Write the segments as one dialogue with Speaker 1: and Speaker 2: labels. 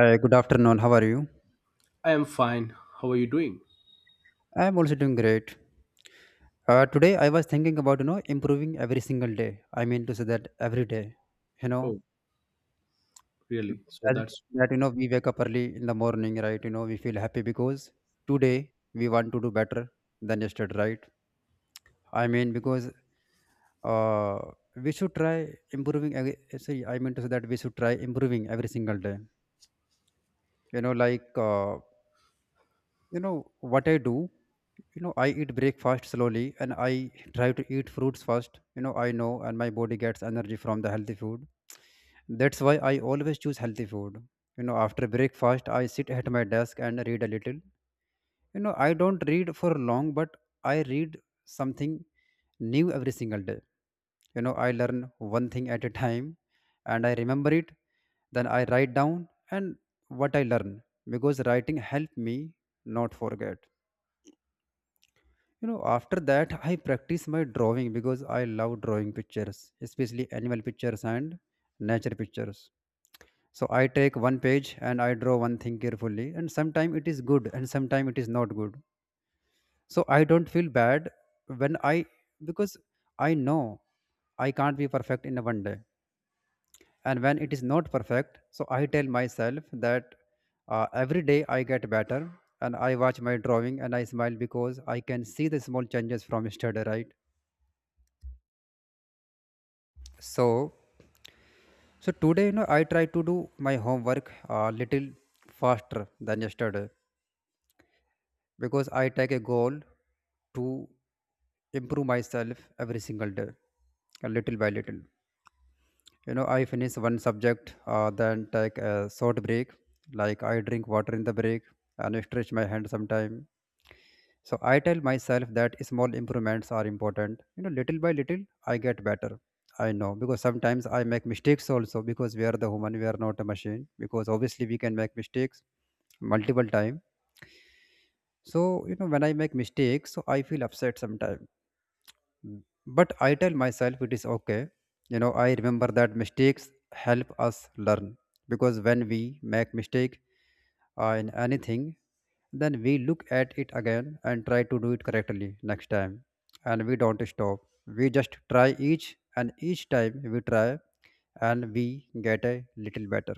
Speaker 1: Hi, good afternoon. How are you?
Speaker 2: I am fine. How are you doing?
Speaker 1: I'm also doing great. Today I was thinking about improving every single day. I mean to say that every day, you know,
Speaker 2: Oh, really? So
Speaker 1: as
Speaker 2: that's
Speaker 1: that we wake up early in the morning, right? You know we feel happy because today we want to do better than yesterday, right? I mean because uh, we should try improving. Sorry, I mean to say that we should try improving every single day. You know, like you know what I do. You know, I eat breakfast slowly, and I try to eat fruits first. I know, and my body gets energy from the healthy food. That's why I always choose healthy food. You know, after breakfast I sit at my desk and read a little. You know, I don't read for long, but I read something new every single day. You know, I learn one thing at a time and I remember it, then I write down and what I learn, because writing helped me not forget. You know, after that, I practice my drawing because I love drawing pictures, especially animal pictures and nature pictures. So I take one page and I draw one thing carefully, and sometimes it is good and sometimes it is not good. So I don't feel bad when I, because I know I can't be perfect in a one day. And when it is not perfect, so I tell myself that every day I get better, and I watch my drawing and I smile because I can see the small changes from yesterday, right? So, so today, you know, I try to do my homework a little faster than yesterday because I take a goal to improve myself every single day, a little by little. You know, I finish one subject, then take a short break, like I drink water in the break and stretch my hand sometime. So I tell myself that small improvements are important. You know, little by little, I get better. I know because sometimes I make mistakes also, because we are the human, we are not a machine. Because obviously we can make mistakes multiple time. So you know, when I make mistakes, so I feel upset sometimes. Mm. But I tell myself it is okay. You know, I remember that mistakes help us learn because when we make mistake in anything, then we look at it again and try to do it correctly next time. And we don't stop. We just try each, and each time we try and we get a little better.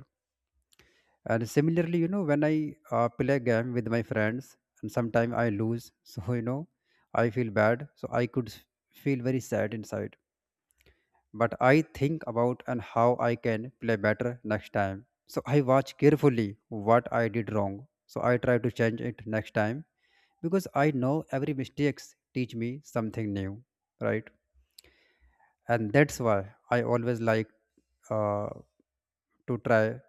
Speaker 1: And similarly, you know, when I play game with my friends, and sometimes I lose, so I feel bad. So I could feel very sad inside. But I think about and how I can play better next time. So I watch carefully what I did wrong. So I try to change it next time because I know every mistakes teach me something new, right? And that's why I always like uh, to try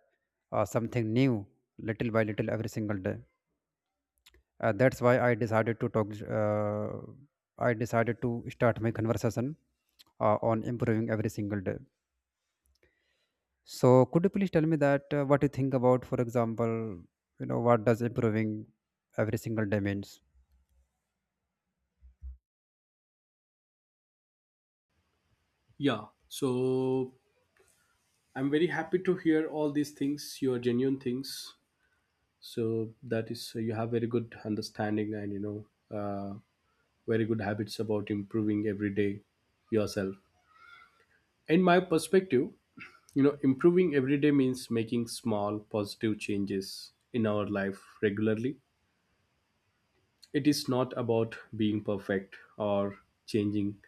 Speaker 1: something new little by little every single day. That's why I decided to talk. Uh, I decided to start my conversation on improving every single day. So, could you please tell me that what you think about, for example, you know, what does improving every single day means?
Speaker 2: yeah. So I'm very happy to hear all these things, your genuine things. So that is you have very good understanding and very good habits about improving every day yourself. In my perspective, improving every day means making small positive changes in our life regularly. It is not about being perfect or changing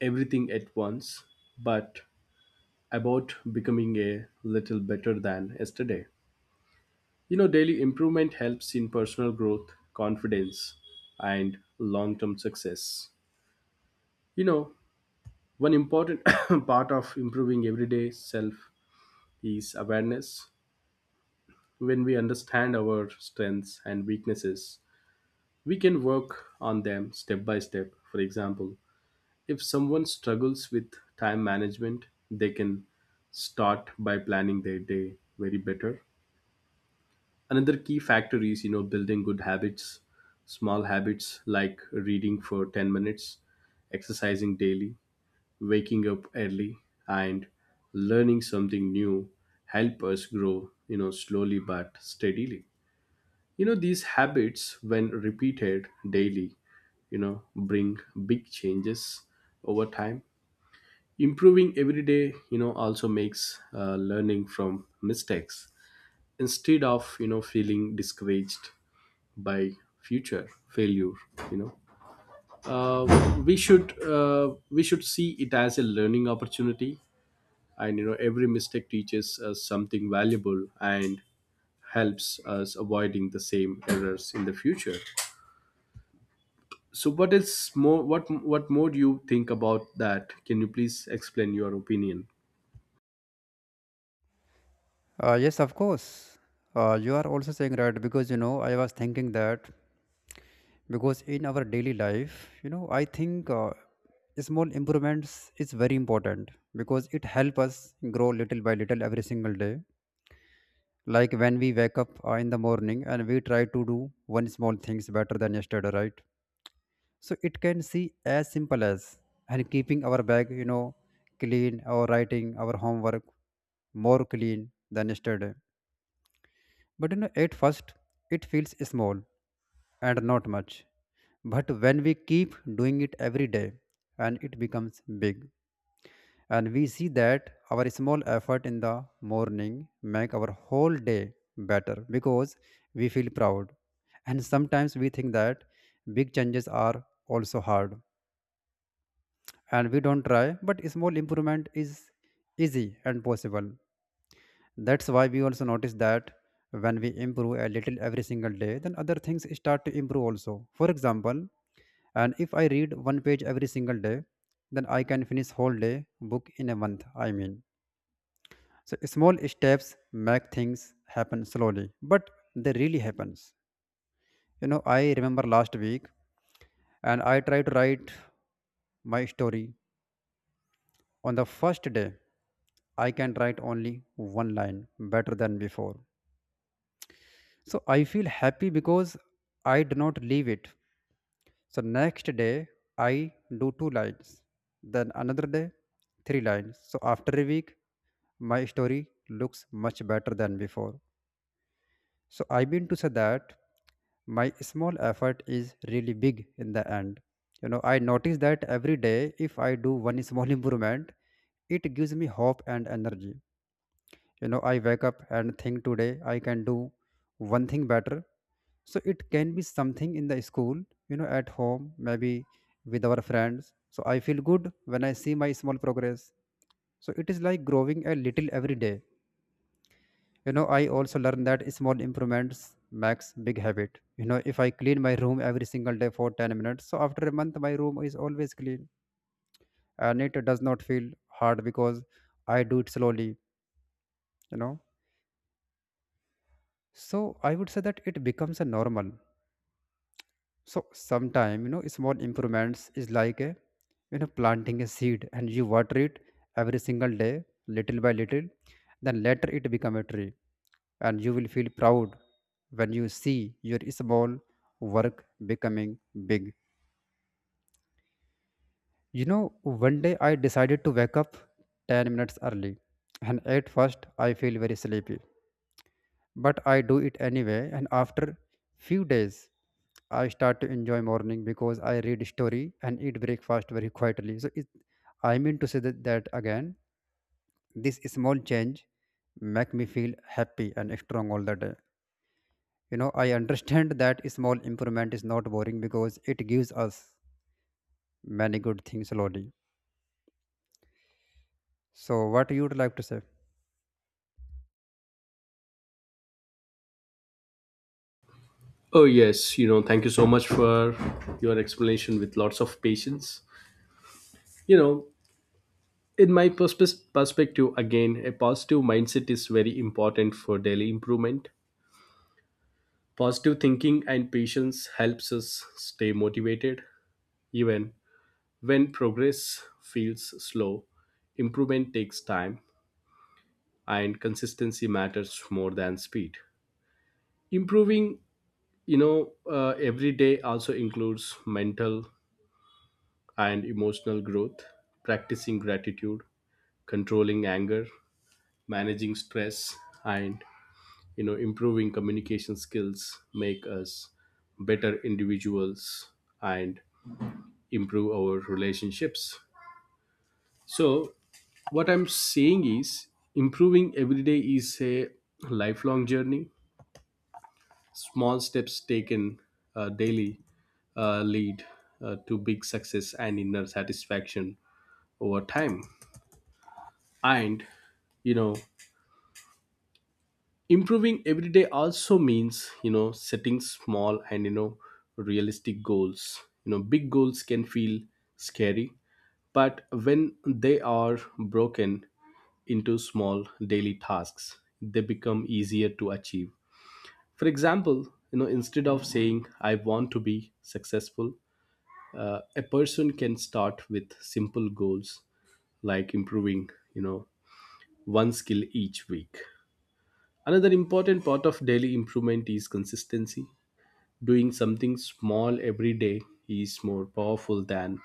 Speaker 2: everything at once, but about becoming a little better than yesterday. Daily improvement helps in personal growth, confidence, and long term success. You know, one important part of improving everyday self is awareness. When we understand our strengths and weaknesses, we can work on them step by step. For example, if someone struggles with time management, they can start by planning their day very better. Another key factor is building good habits. Small habits like reading for 10 minutes, exercising daily, waking up early, and learning something new help us grow, slowly but steadily. These habits, when repeated daily, bring big changes over time. Improving every day, also makes, learning from mistakes, instead of, feeling discouraged by future failure. You know uh, we should uh, we should see it as a learning opportunity, and every mistake teaches us something valuable and helps us avoiding the same errors in the future. So what is more, what more do you think about that? Can you please explain your opinion?
Speaker 1: Yes, of course. You are also saying right, because you know I was thinking that, because in our daily life, you know, I think small improvements is very important because it help us grow little by little every single day. Like when we wake up in the morning and we try to do one small things better than yesterday, right? So it can see as simple as and keeping our bag, you know, clean or writing our homework more clean than yesterday. But you know, at first it feels small and not much. But when we keep doing it every day and it becomes big, and we see that our small effort in the morning make our whole day better because we feel proud, and sometimes we think that big changes are also hard and we don't try, but small improvement is easy and possible. That's why we also notice that when we improve a little every single day, then other things start to improve also, for example, and if I read one page every single day, then I can finish whole day book in a month, I mean. So small steps make things happen slowly, but they really happens. You know, I remember last week and I tried to write my story. On the first day, I can write only one line better than before. So I feel happy because I do not leave it. So next day I do two lines. Then another day three lines. So after a week my story looks much better than before. So I mean to say that my small effort is really big in the end. You know, I notice that every day if I do one small improvement, it gives me hope and energy. You know, I wake up and think today I can do one thing better. So it can be something in the school, you know, at home, maybe with our friends. So I feel good when I see my small progress. So it is like growing a little every day. You know, I also learned that small improvements makes big habit. You know, if I clean my room every single day for 10 minutes, so after a month my room is always clean, and it does not feel hard because I do it slowly, you know. So I would say that it becomes a normal. So sometime, you know, small improvements is like a, planting a seed, and you water it every single day, little by little, then later it become a tree, and you will feel proud when you see your small work becoming big. You know, one day I decided to wake up 10 minutes early, and at first I feel very sleepy, but I do it anyway, and after few days I start to enjoy morning because I read story and eat breakfast very quietly. So it, I mean to say that again, this small change make me feel happy and strong all the day. You know, I understand that small improvement is not boring because it gives us many good things slowly. So, what you would like to say?
Speaker 2: Oh yes, thank you so much for your explanation with lots of patience. You know in my perspective, again, a positive mindset is very important for daily improvement. Positive thinking and patience helps us stay motivated even when progress feels slow. Improvement takes time and consistency matters more than speed. Improving, you know every day also includes mental and emotional growth. Practicing gratitude, controlling anger, managing stress, and improving communication skills make us better individuals and improve our relationships. So what I'm saying is improving every day is a lifelong journey. Small steps taken, daily, lead, to big success and inner satisfaction over time. And you know improving every day also means, setting small and, realistic goals. Big goals can feel scary, but when they are broken into small daily tasks they become easier to achieve. For example, instead of saying I want to be successful, a person can start with simple goals like improving, one skill each week. Another important part of daily improvement is consistency. Doing something small every day is more powerful than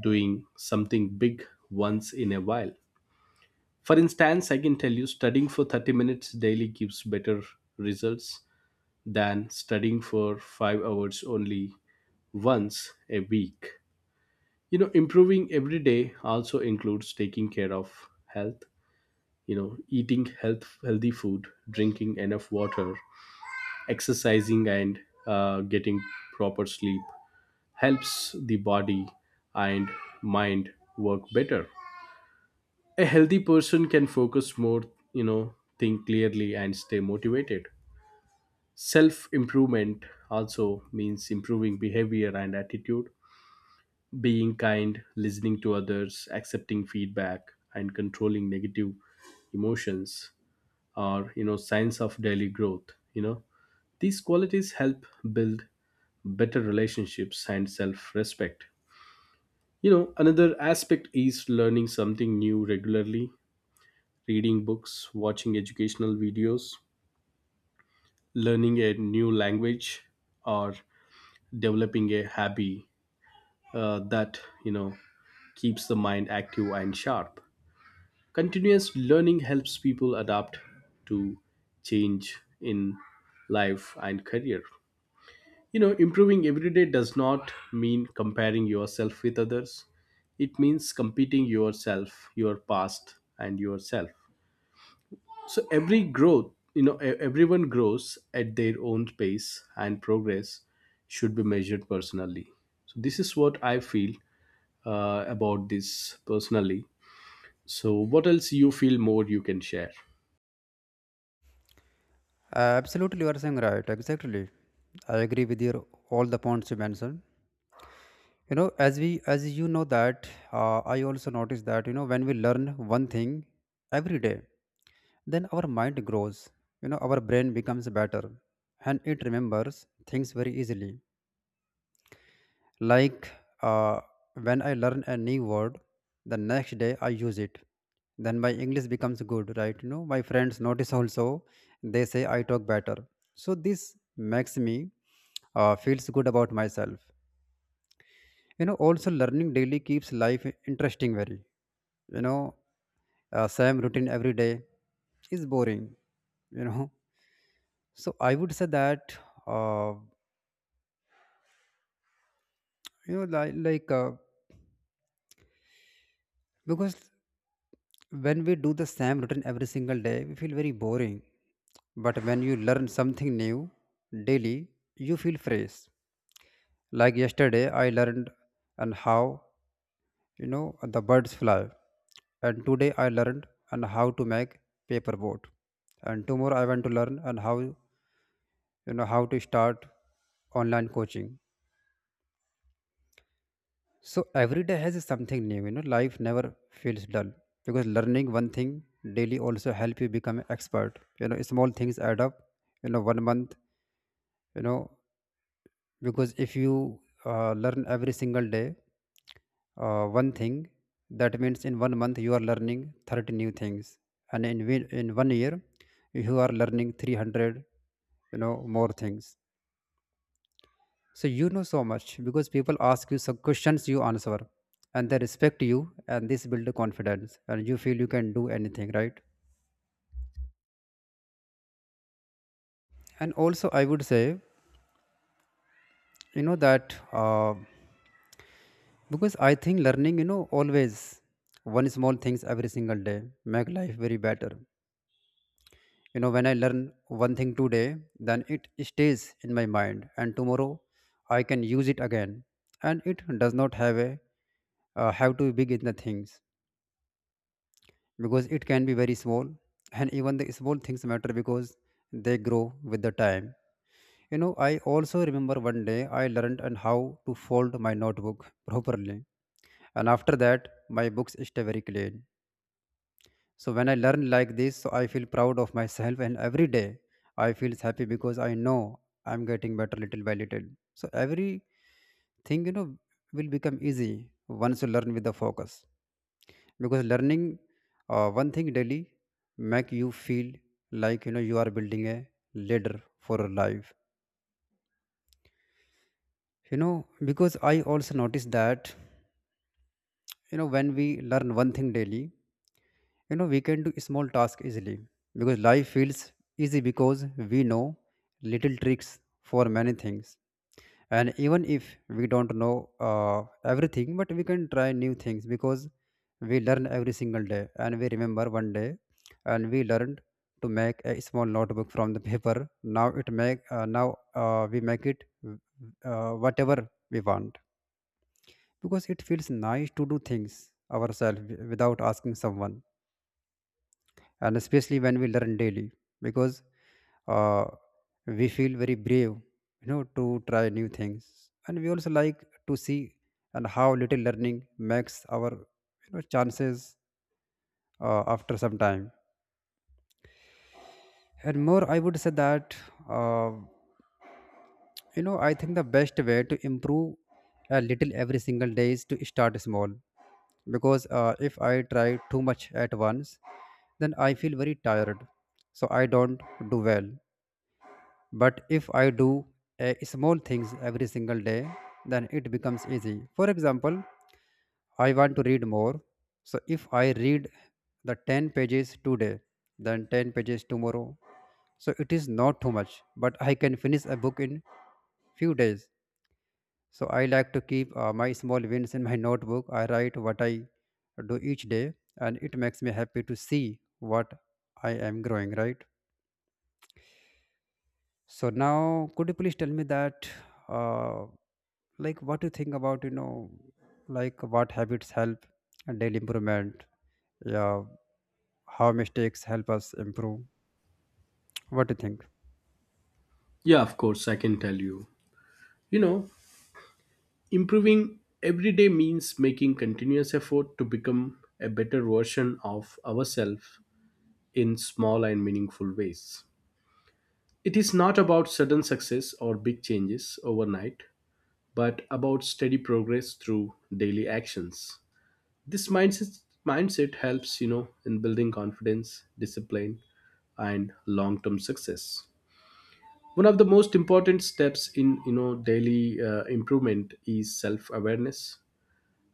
Speaker 2: doing something big once in a while. For instance, I can tell you, studying for 30 minutes daily gives better results than studying for 5 hours only once a week. Improving every day also includes taking care of health, eating healthy food, drinking enough water, exercising, and, getting proper sleep helps the body and mind work better. A healthy person can focus more, think clearly and stay motivated. Self improvement also means improving behavior and attitude, being kind, listening to others, accepting feedback, and controlling negative emotions, or signs of daily growth. These qualities help build better relationships and self-respect. Another aspect is learning something new regularly: reading books, watching educational videos, learning a new language, or developing a hobby, that you know keeps the mind active and sharp. Continuous learning helps people adapt to change in life and career. Improving every day does not mean comparing yourself with others. It means competing yourself, your past, and yourself. So every growth, everyone grows at their own pace, and progress should be measured personally. So this is what I feel, about this personally. So what else you feel more you can share?
Speaker 1: Absolutely, you are saying right. Exactly, I agree with your all the points you mentioned. You know, as you know that I also notice that you know when we learn one thing every day, then our mind grows. You know, our brain becomes better, and it remembers things very easily. Like uh, when I learn a new word, the next day I use it. Then my English becomes good, right? You know, my friends notice also. They say I talk better. So this makes me feels good about myself. You know, also learning daily keeps life interesting. Very, you know, same routine every day is boring. You know, so I would say that uh, you know, like because when we do the same routine every single day, we feel very boring. But when you learn something new daily, you feel fresh. Like yesterday, I learned and how you know the birds fly, and today I learned and how to make paper boat, and tomorrow I want to learn and how you know how to start online coaching. So every day has something new. You know, life never feels dull because learning one thing daily also help you become an expert. You know, small things add up. You know, one month. You know, because if you learn every single day one thing, that means in one month you are learning 30 new things, and in one year you are learning 300. You know, more things. So you know so much because people ask you some questions, you answer, and they respect you, and this build the confidence, and you feel you can do anything, right? And also, I would say, you know that because I think learning, you know, always one small things every single day make life very better. You know, when I learn one thing today, then it stays in my mind, and tomorrow I can use it again, and it does not have a have to be big in the things, because it can be very small, and even the small things matter because they grow with the time. You know, I also remember one day I learned and how to fold my notebook properly. And after that, my books stay very clean. So when I learn like this, so I feel proud of myself, and every day I feel happy because I know I'm getting better little by little. So every thing, you know, will become easy once you learn with the focus. Because learning one thing daily make you feel like, you know, you are building a ladder for your life, you know. Because I also noticed that, you know, when we learn one thing daily, you know, we can do small tasks easily, because life feels easy, because we know little tricks for many things. And even if we don't know everything, but we can try new things because we learn every single day. And we remember one day, and we learned to make a small notebook from the paper. Now it make now we make it whatever we want, because it feels nice to do things ourselves without asking someone, and especially when we learn daily. Because uh, we feel very brave, you know, to try new things. And we also like to see and how little learning makes our, you know, chances after some time. And more, I would say that, uh, you know, I think the best way to improve a little every single day is to start small. Because if I try too much at once, then I feel very tired, so I don't do well. But if I do a small things every single day, then it becomes easy. For example, I want to read more. So if I read the 10 pages today, then 10 pages tomorrow. So it is not too much, but I can finish a book in few days. So I like to keep my small wins in my notebook. I write what I do each day, and it makes me happy to see what I am growing, right? So now, could you please tell me that, uh, like, what you think about, you know, like what habits help and daily improvement? Yeah, how mistakes help us improve? What do you think?
Speaker 2: Yeah, of course, I can tell you. You know, Improving every day means making continuous effort to become a better version of ourselves in small and meaningful ways. It is not about sudden success or big changes overnight, but about steady progress through daily actions. This mindset helps, in building confidence, discipline, and long-term success. One of the most important steps in, daily, improvement is self-awareness.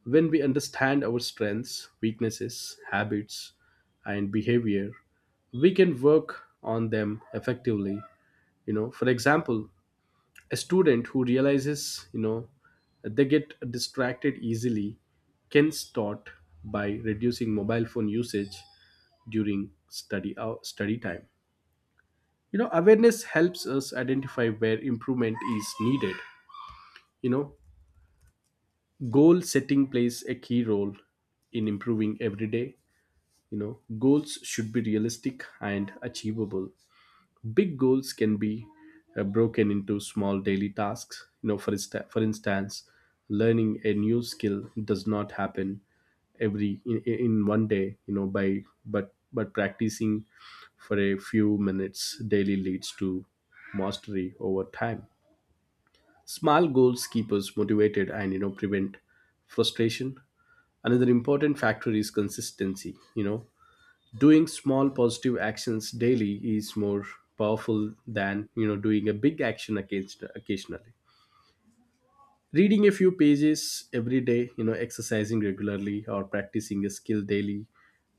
Speaker 2: When we understand our strengths, weaknesses, habits, and behavior, we can work on them effectively. For example, a student who realizes, they get distracted easily can start by reducing mobile phone usage during study time. Awareness helps us identify where improvement is needed. You know, goal setting plays a key role in improving every day. you know Goals should be realistic and achievable. Big goals can be, broken into small daily tasks, for, for instance, learning a new skill does not happen in one day, by but practicing for a few minutes daily leads to mastery over time. Small goals keep us motivated and prevent frustration. Another important factor is consistency. Doing small positive actions daily is more powerful than doing a big action occasionally. Reading a few pages every day, exercising regularly, or practicing a skill daily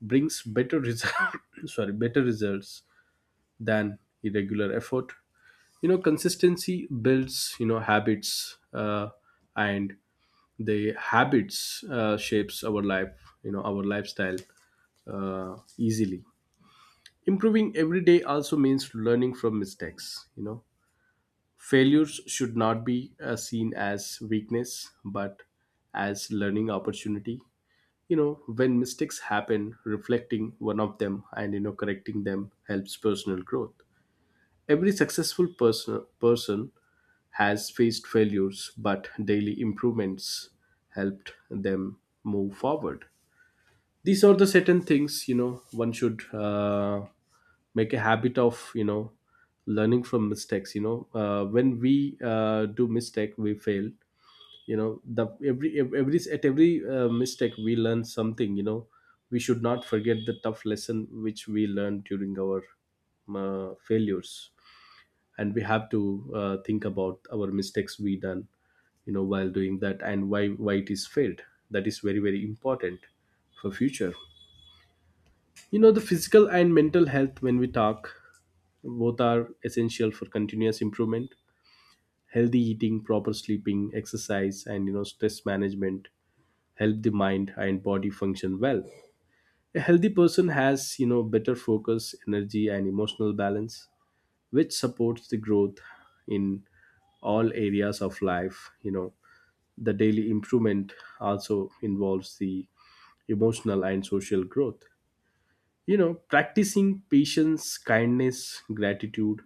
Speaker 2: brings better result. Sorry, better results than irregular effort. Consistency builds, habits, and the habits, shapes our life, our lifestyle, easily. Improving every day also means learning from mistakes. Failures should not be, seen as weakness but as learning opportunity. When mistakes happen, reflecting one of them and, correcting them helps personal growth. Every successful person has faced failures, but daily improvements helped them move forward. These are the certain things, one should, make a habit of, learning from mistakes. When we do mistake we fail. You know the every ev- every at every mistake we learn something. We should not forget the tough lesson which we learned during our, failures. And we have to, think about our mistakes we done, while doing that and why it is failed. That is very important for future. The physical and mental health, when we talk, both are essential for continuous improvement. Healthy eating, proper sleeping, exercise, and, stress management help the mind and body function well. A healthy person has, better focus, energy, and emotional balance, which supports the growth in all areas of life. The daily improvement also involves the emotional and social growth. Practicing patience, kindness, gratitude,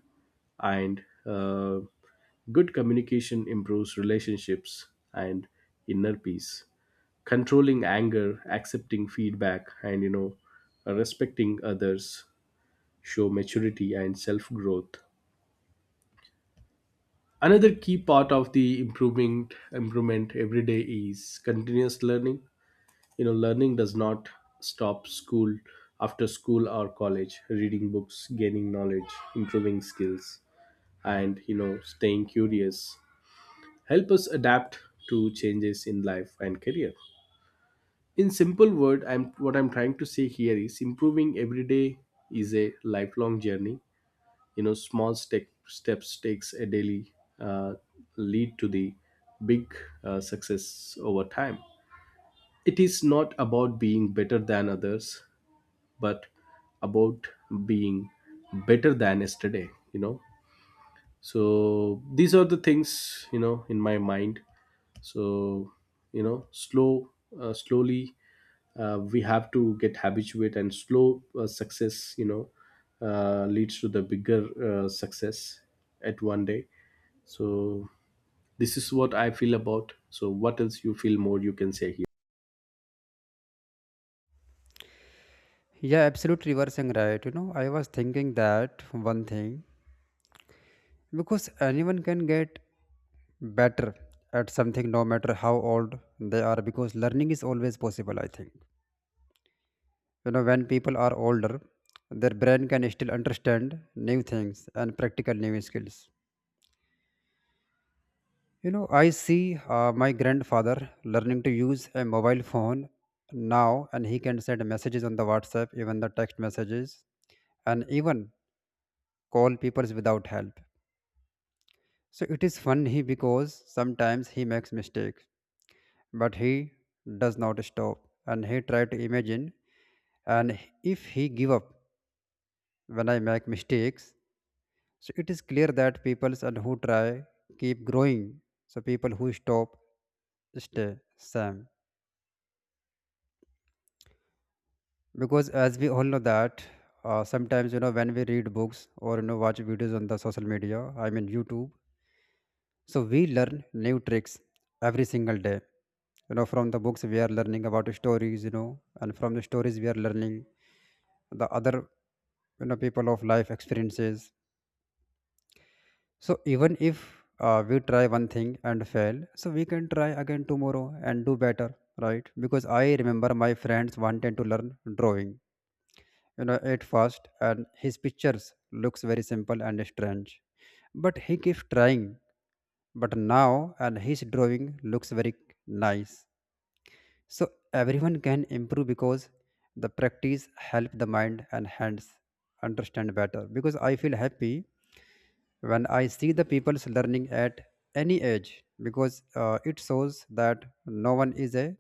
Speaker 2: and, good communication improves relationships and inner peace. Controlling anger, accepting feedback, and respecting others show maturity and self growth another key part of the improvement every day is continuous learning. Learning does not stop school after school or college. Reading books, gaining knowledge, improving skills, and, staying curious help us adapt to changes in life and career. In simple word, I'm what I'm trying to say here is improving every day is a lifelong journey. Small steps takes a daily, uh, lead to the big, success over time. It is not about being better than others but about being better than yesterday. So these are the things, in my mind. So, slow, slowly, we have to get habituated and slow, success, leads to the bigger, success at one day. So this is what I feel about. So what else you feel more you can say here?
Speaker 1: Yeah, absolute reversing, right. You know, I was thinking that one thing, because anyone can get better at something no matter how old they are, because learning is always possible. I think, you know, when people are older, their brain can still understand new things and practical new skills. You know, I see my grandfather learning to use a mobile phone now, and he can send messages on the WhatsApp, even the text messages, and even call people without help. So it is funny because sometimes he makes mistakes, but he does not stop, and he try to imagine. And if he give up when I make mistakes, so it is clear that people and who try keep growing. So people who stop stay same. Because as we all know that, sometimes, you know, when we read books or, you know, watch videos on the social media, I mean YouTube, so we learn new tricks every single day. You know, from the books we are learning about stories, you know, and from the stories we are learning the other, you know, people of life experiences. So even if we try one thing and fail, so we can try again tomorrow and do better, right? Because I remember my friends wanted to learn drawing, you know, at first, and his pictures looks very simple and strange, but he keeps trying. But now and his drawing looks very nice. So everyone can improve because the practice help the mind and hands understand better. Because I feel happy when I see the people's learning at any age, because it shows that no one is a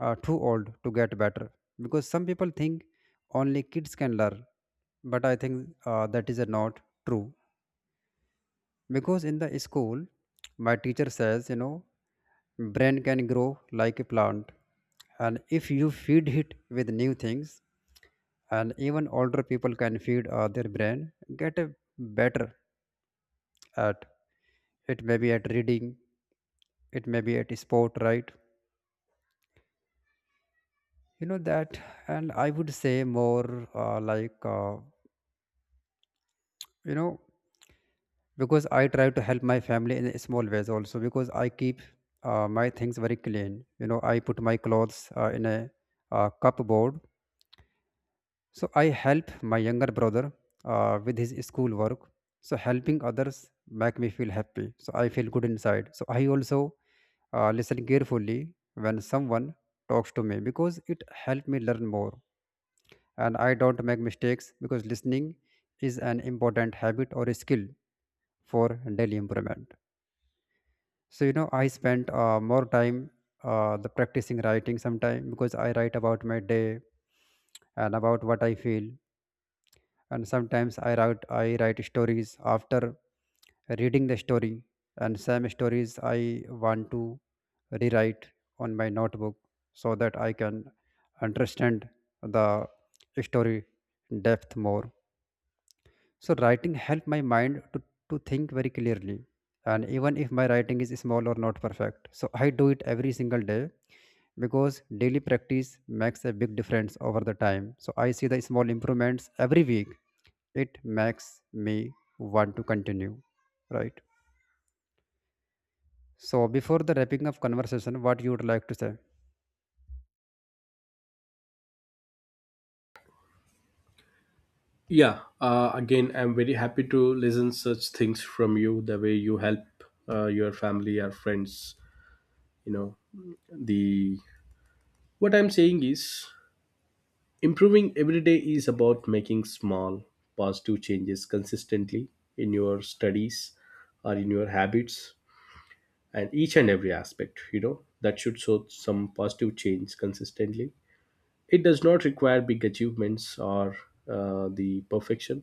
Speaker 1: too old to get better. Because some people think only kids can learn, but I think that is not true. Because in the school, my teacher says, you know, brain can grow like a plant, and if you feed it with new things, and even older people can feed their brain get a better at it, maybe at reading, it may be at sport, right? You know that. And I would say more, you know, because I try to help my family in small ways also, because I keep my things very clean. You know, I put my clothes in a cupboard. So I help my younger brother with his school work. So helping others make me feel happy, so I feel good inside. So I also listen carefully when someone talks to me, because it helped me learn more, and I don't make mistakes, because listening is an important habit or a skill for daily improvement. So, you know, I spent more time the practicing writing sometime, because I write about my day and about what I feel. And sometimes I write stories after reading the story, and some stories I want to rewrite on my notebook so that I can understand the story depth more. So writing helped my mind to think very clearly. And even if my writing is small or not perfect, so I do it every single day, because daily practice makes a big difference over the time. So I see the small improvements every week. It makes me want to continue, right? So before the wrapping up conversation, what you would like to say?
Speaker 2: Yeah, again, I'm very happy to listen such things from you. The way you help, your family or friends, you know, the what I'm saying is, improving every day is about making small positive changes consistently in your studies or in your habits and each and every aspect. You know that should show some positive change consistently. It does not require big achievements or, the perfection,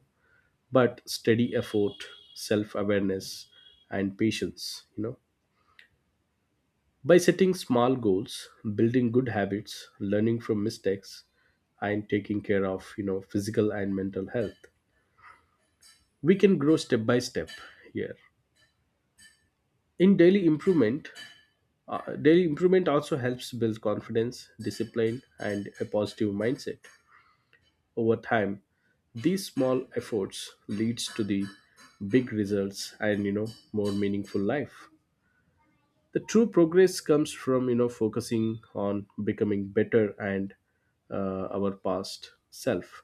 Speaker 2: but steady effort, self-awareness, and patience. By setting small goals, building good habits, learning from mistakes, and taking care of, physical and mental health, we can grow step by step here in daily improvement. Daily improvement also helps build confidence, discipline, and a positive mindset over time. These small efforts leads to the big results and, more meaningful life. The true progress comes from, focusing on becoming better and, our past self,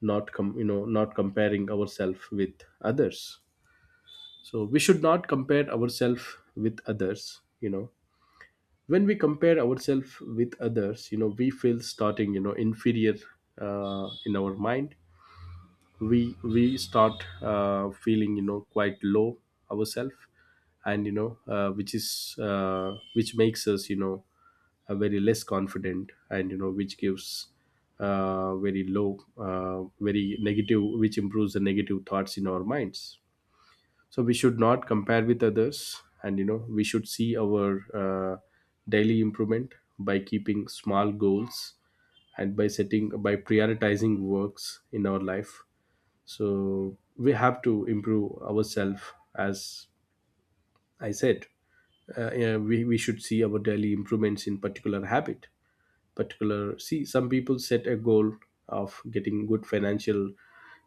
Speaker 2: not com- not comparing ourselves with others. So we should not compare ourselves with others. When we compare ourselves with others, we feel starting, inferior, in our mind. We start, feeling, quite low ourselves. And, which is, which makes us, very less confident, and, which gives, very low, very negative, which improves the negative thoughts in our minds. So we should not compare with others, and, we should see our, daily improvement by keeping small goals and by setting, by prioritizing works in our life. So we have to improve ourselves, as I said. We should see our daily improvements in particular habit particular. See, some people set a goal of getting good financial,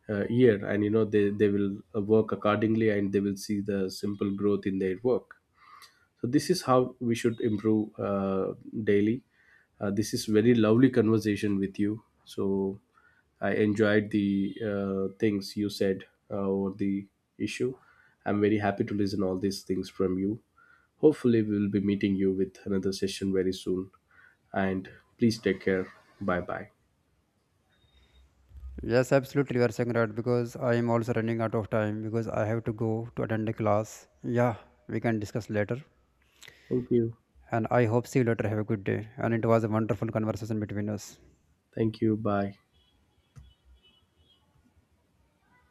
Speaker 2: year, and they will, work accordingly, and they will see the simple growth in their work. So this is how we should improve, daily. This is very lovely conversation with you. So I enjoyed the, things you said, over the issue. I'm very happy to listen all these things from you. Hopefully we'll be meeting you with another session very soon, and please take care. Bye bye.
Speaker 1: Yes, absolutely, you are saying right, because I am also running out of time because I have to go to attend a class. Yeah, we can discuss later.
Speaker 2: Thank you.
Speaker 1: And I hope see you later. Have a good day. And it was a wonderful conversation between us.
Speaker 2: Thank you. Bye.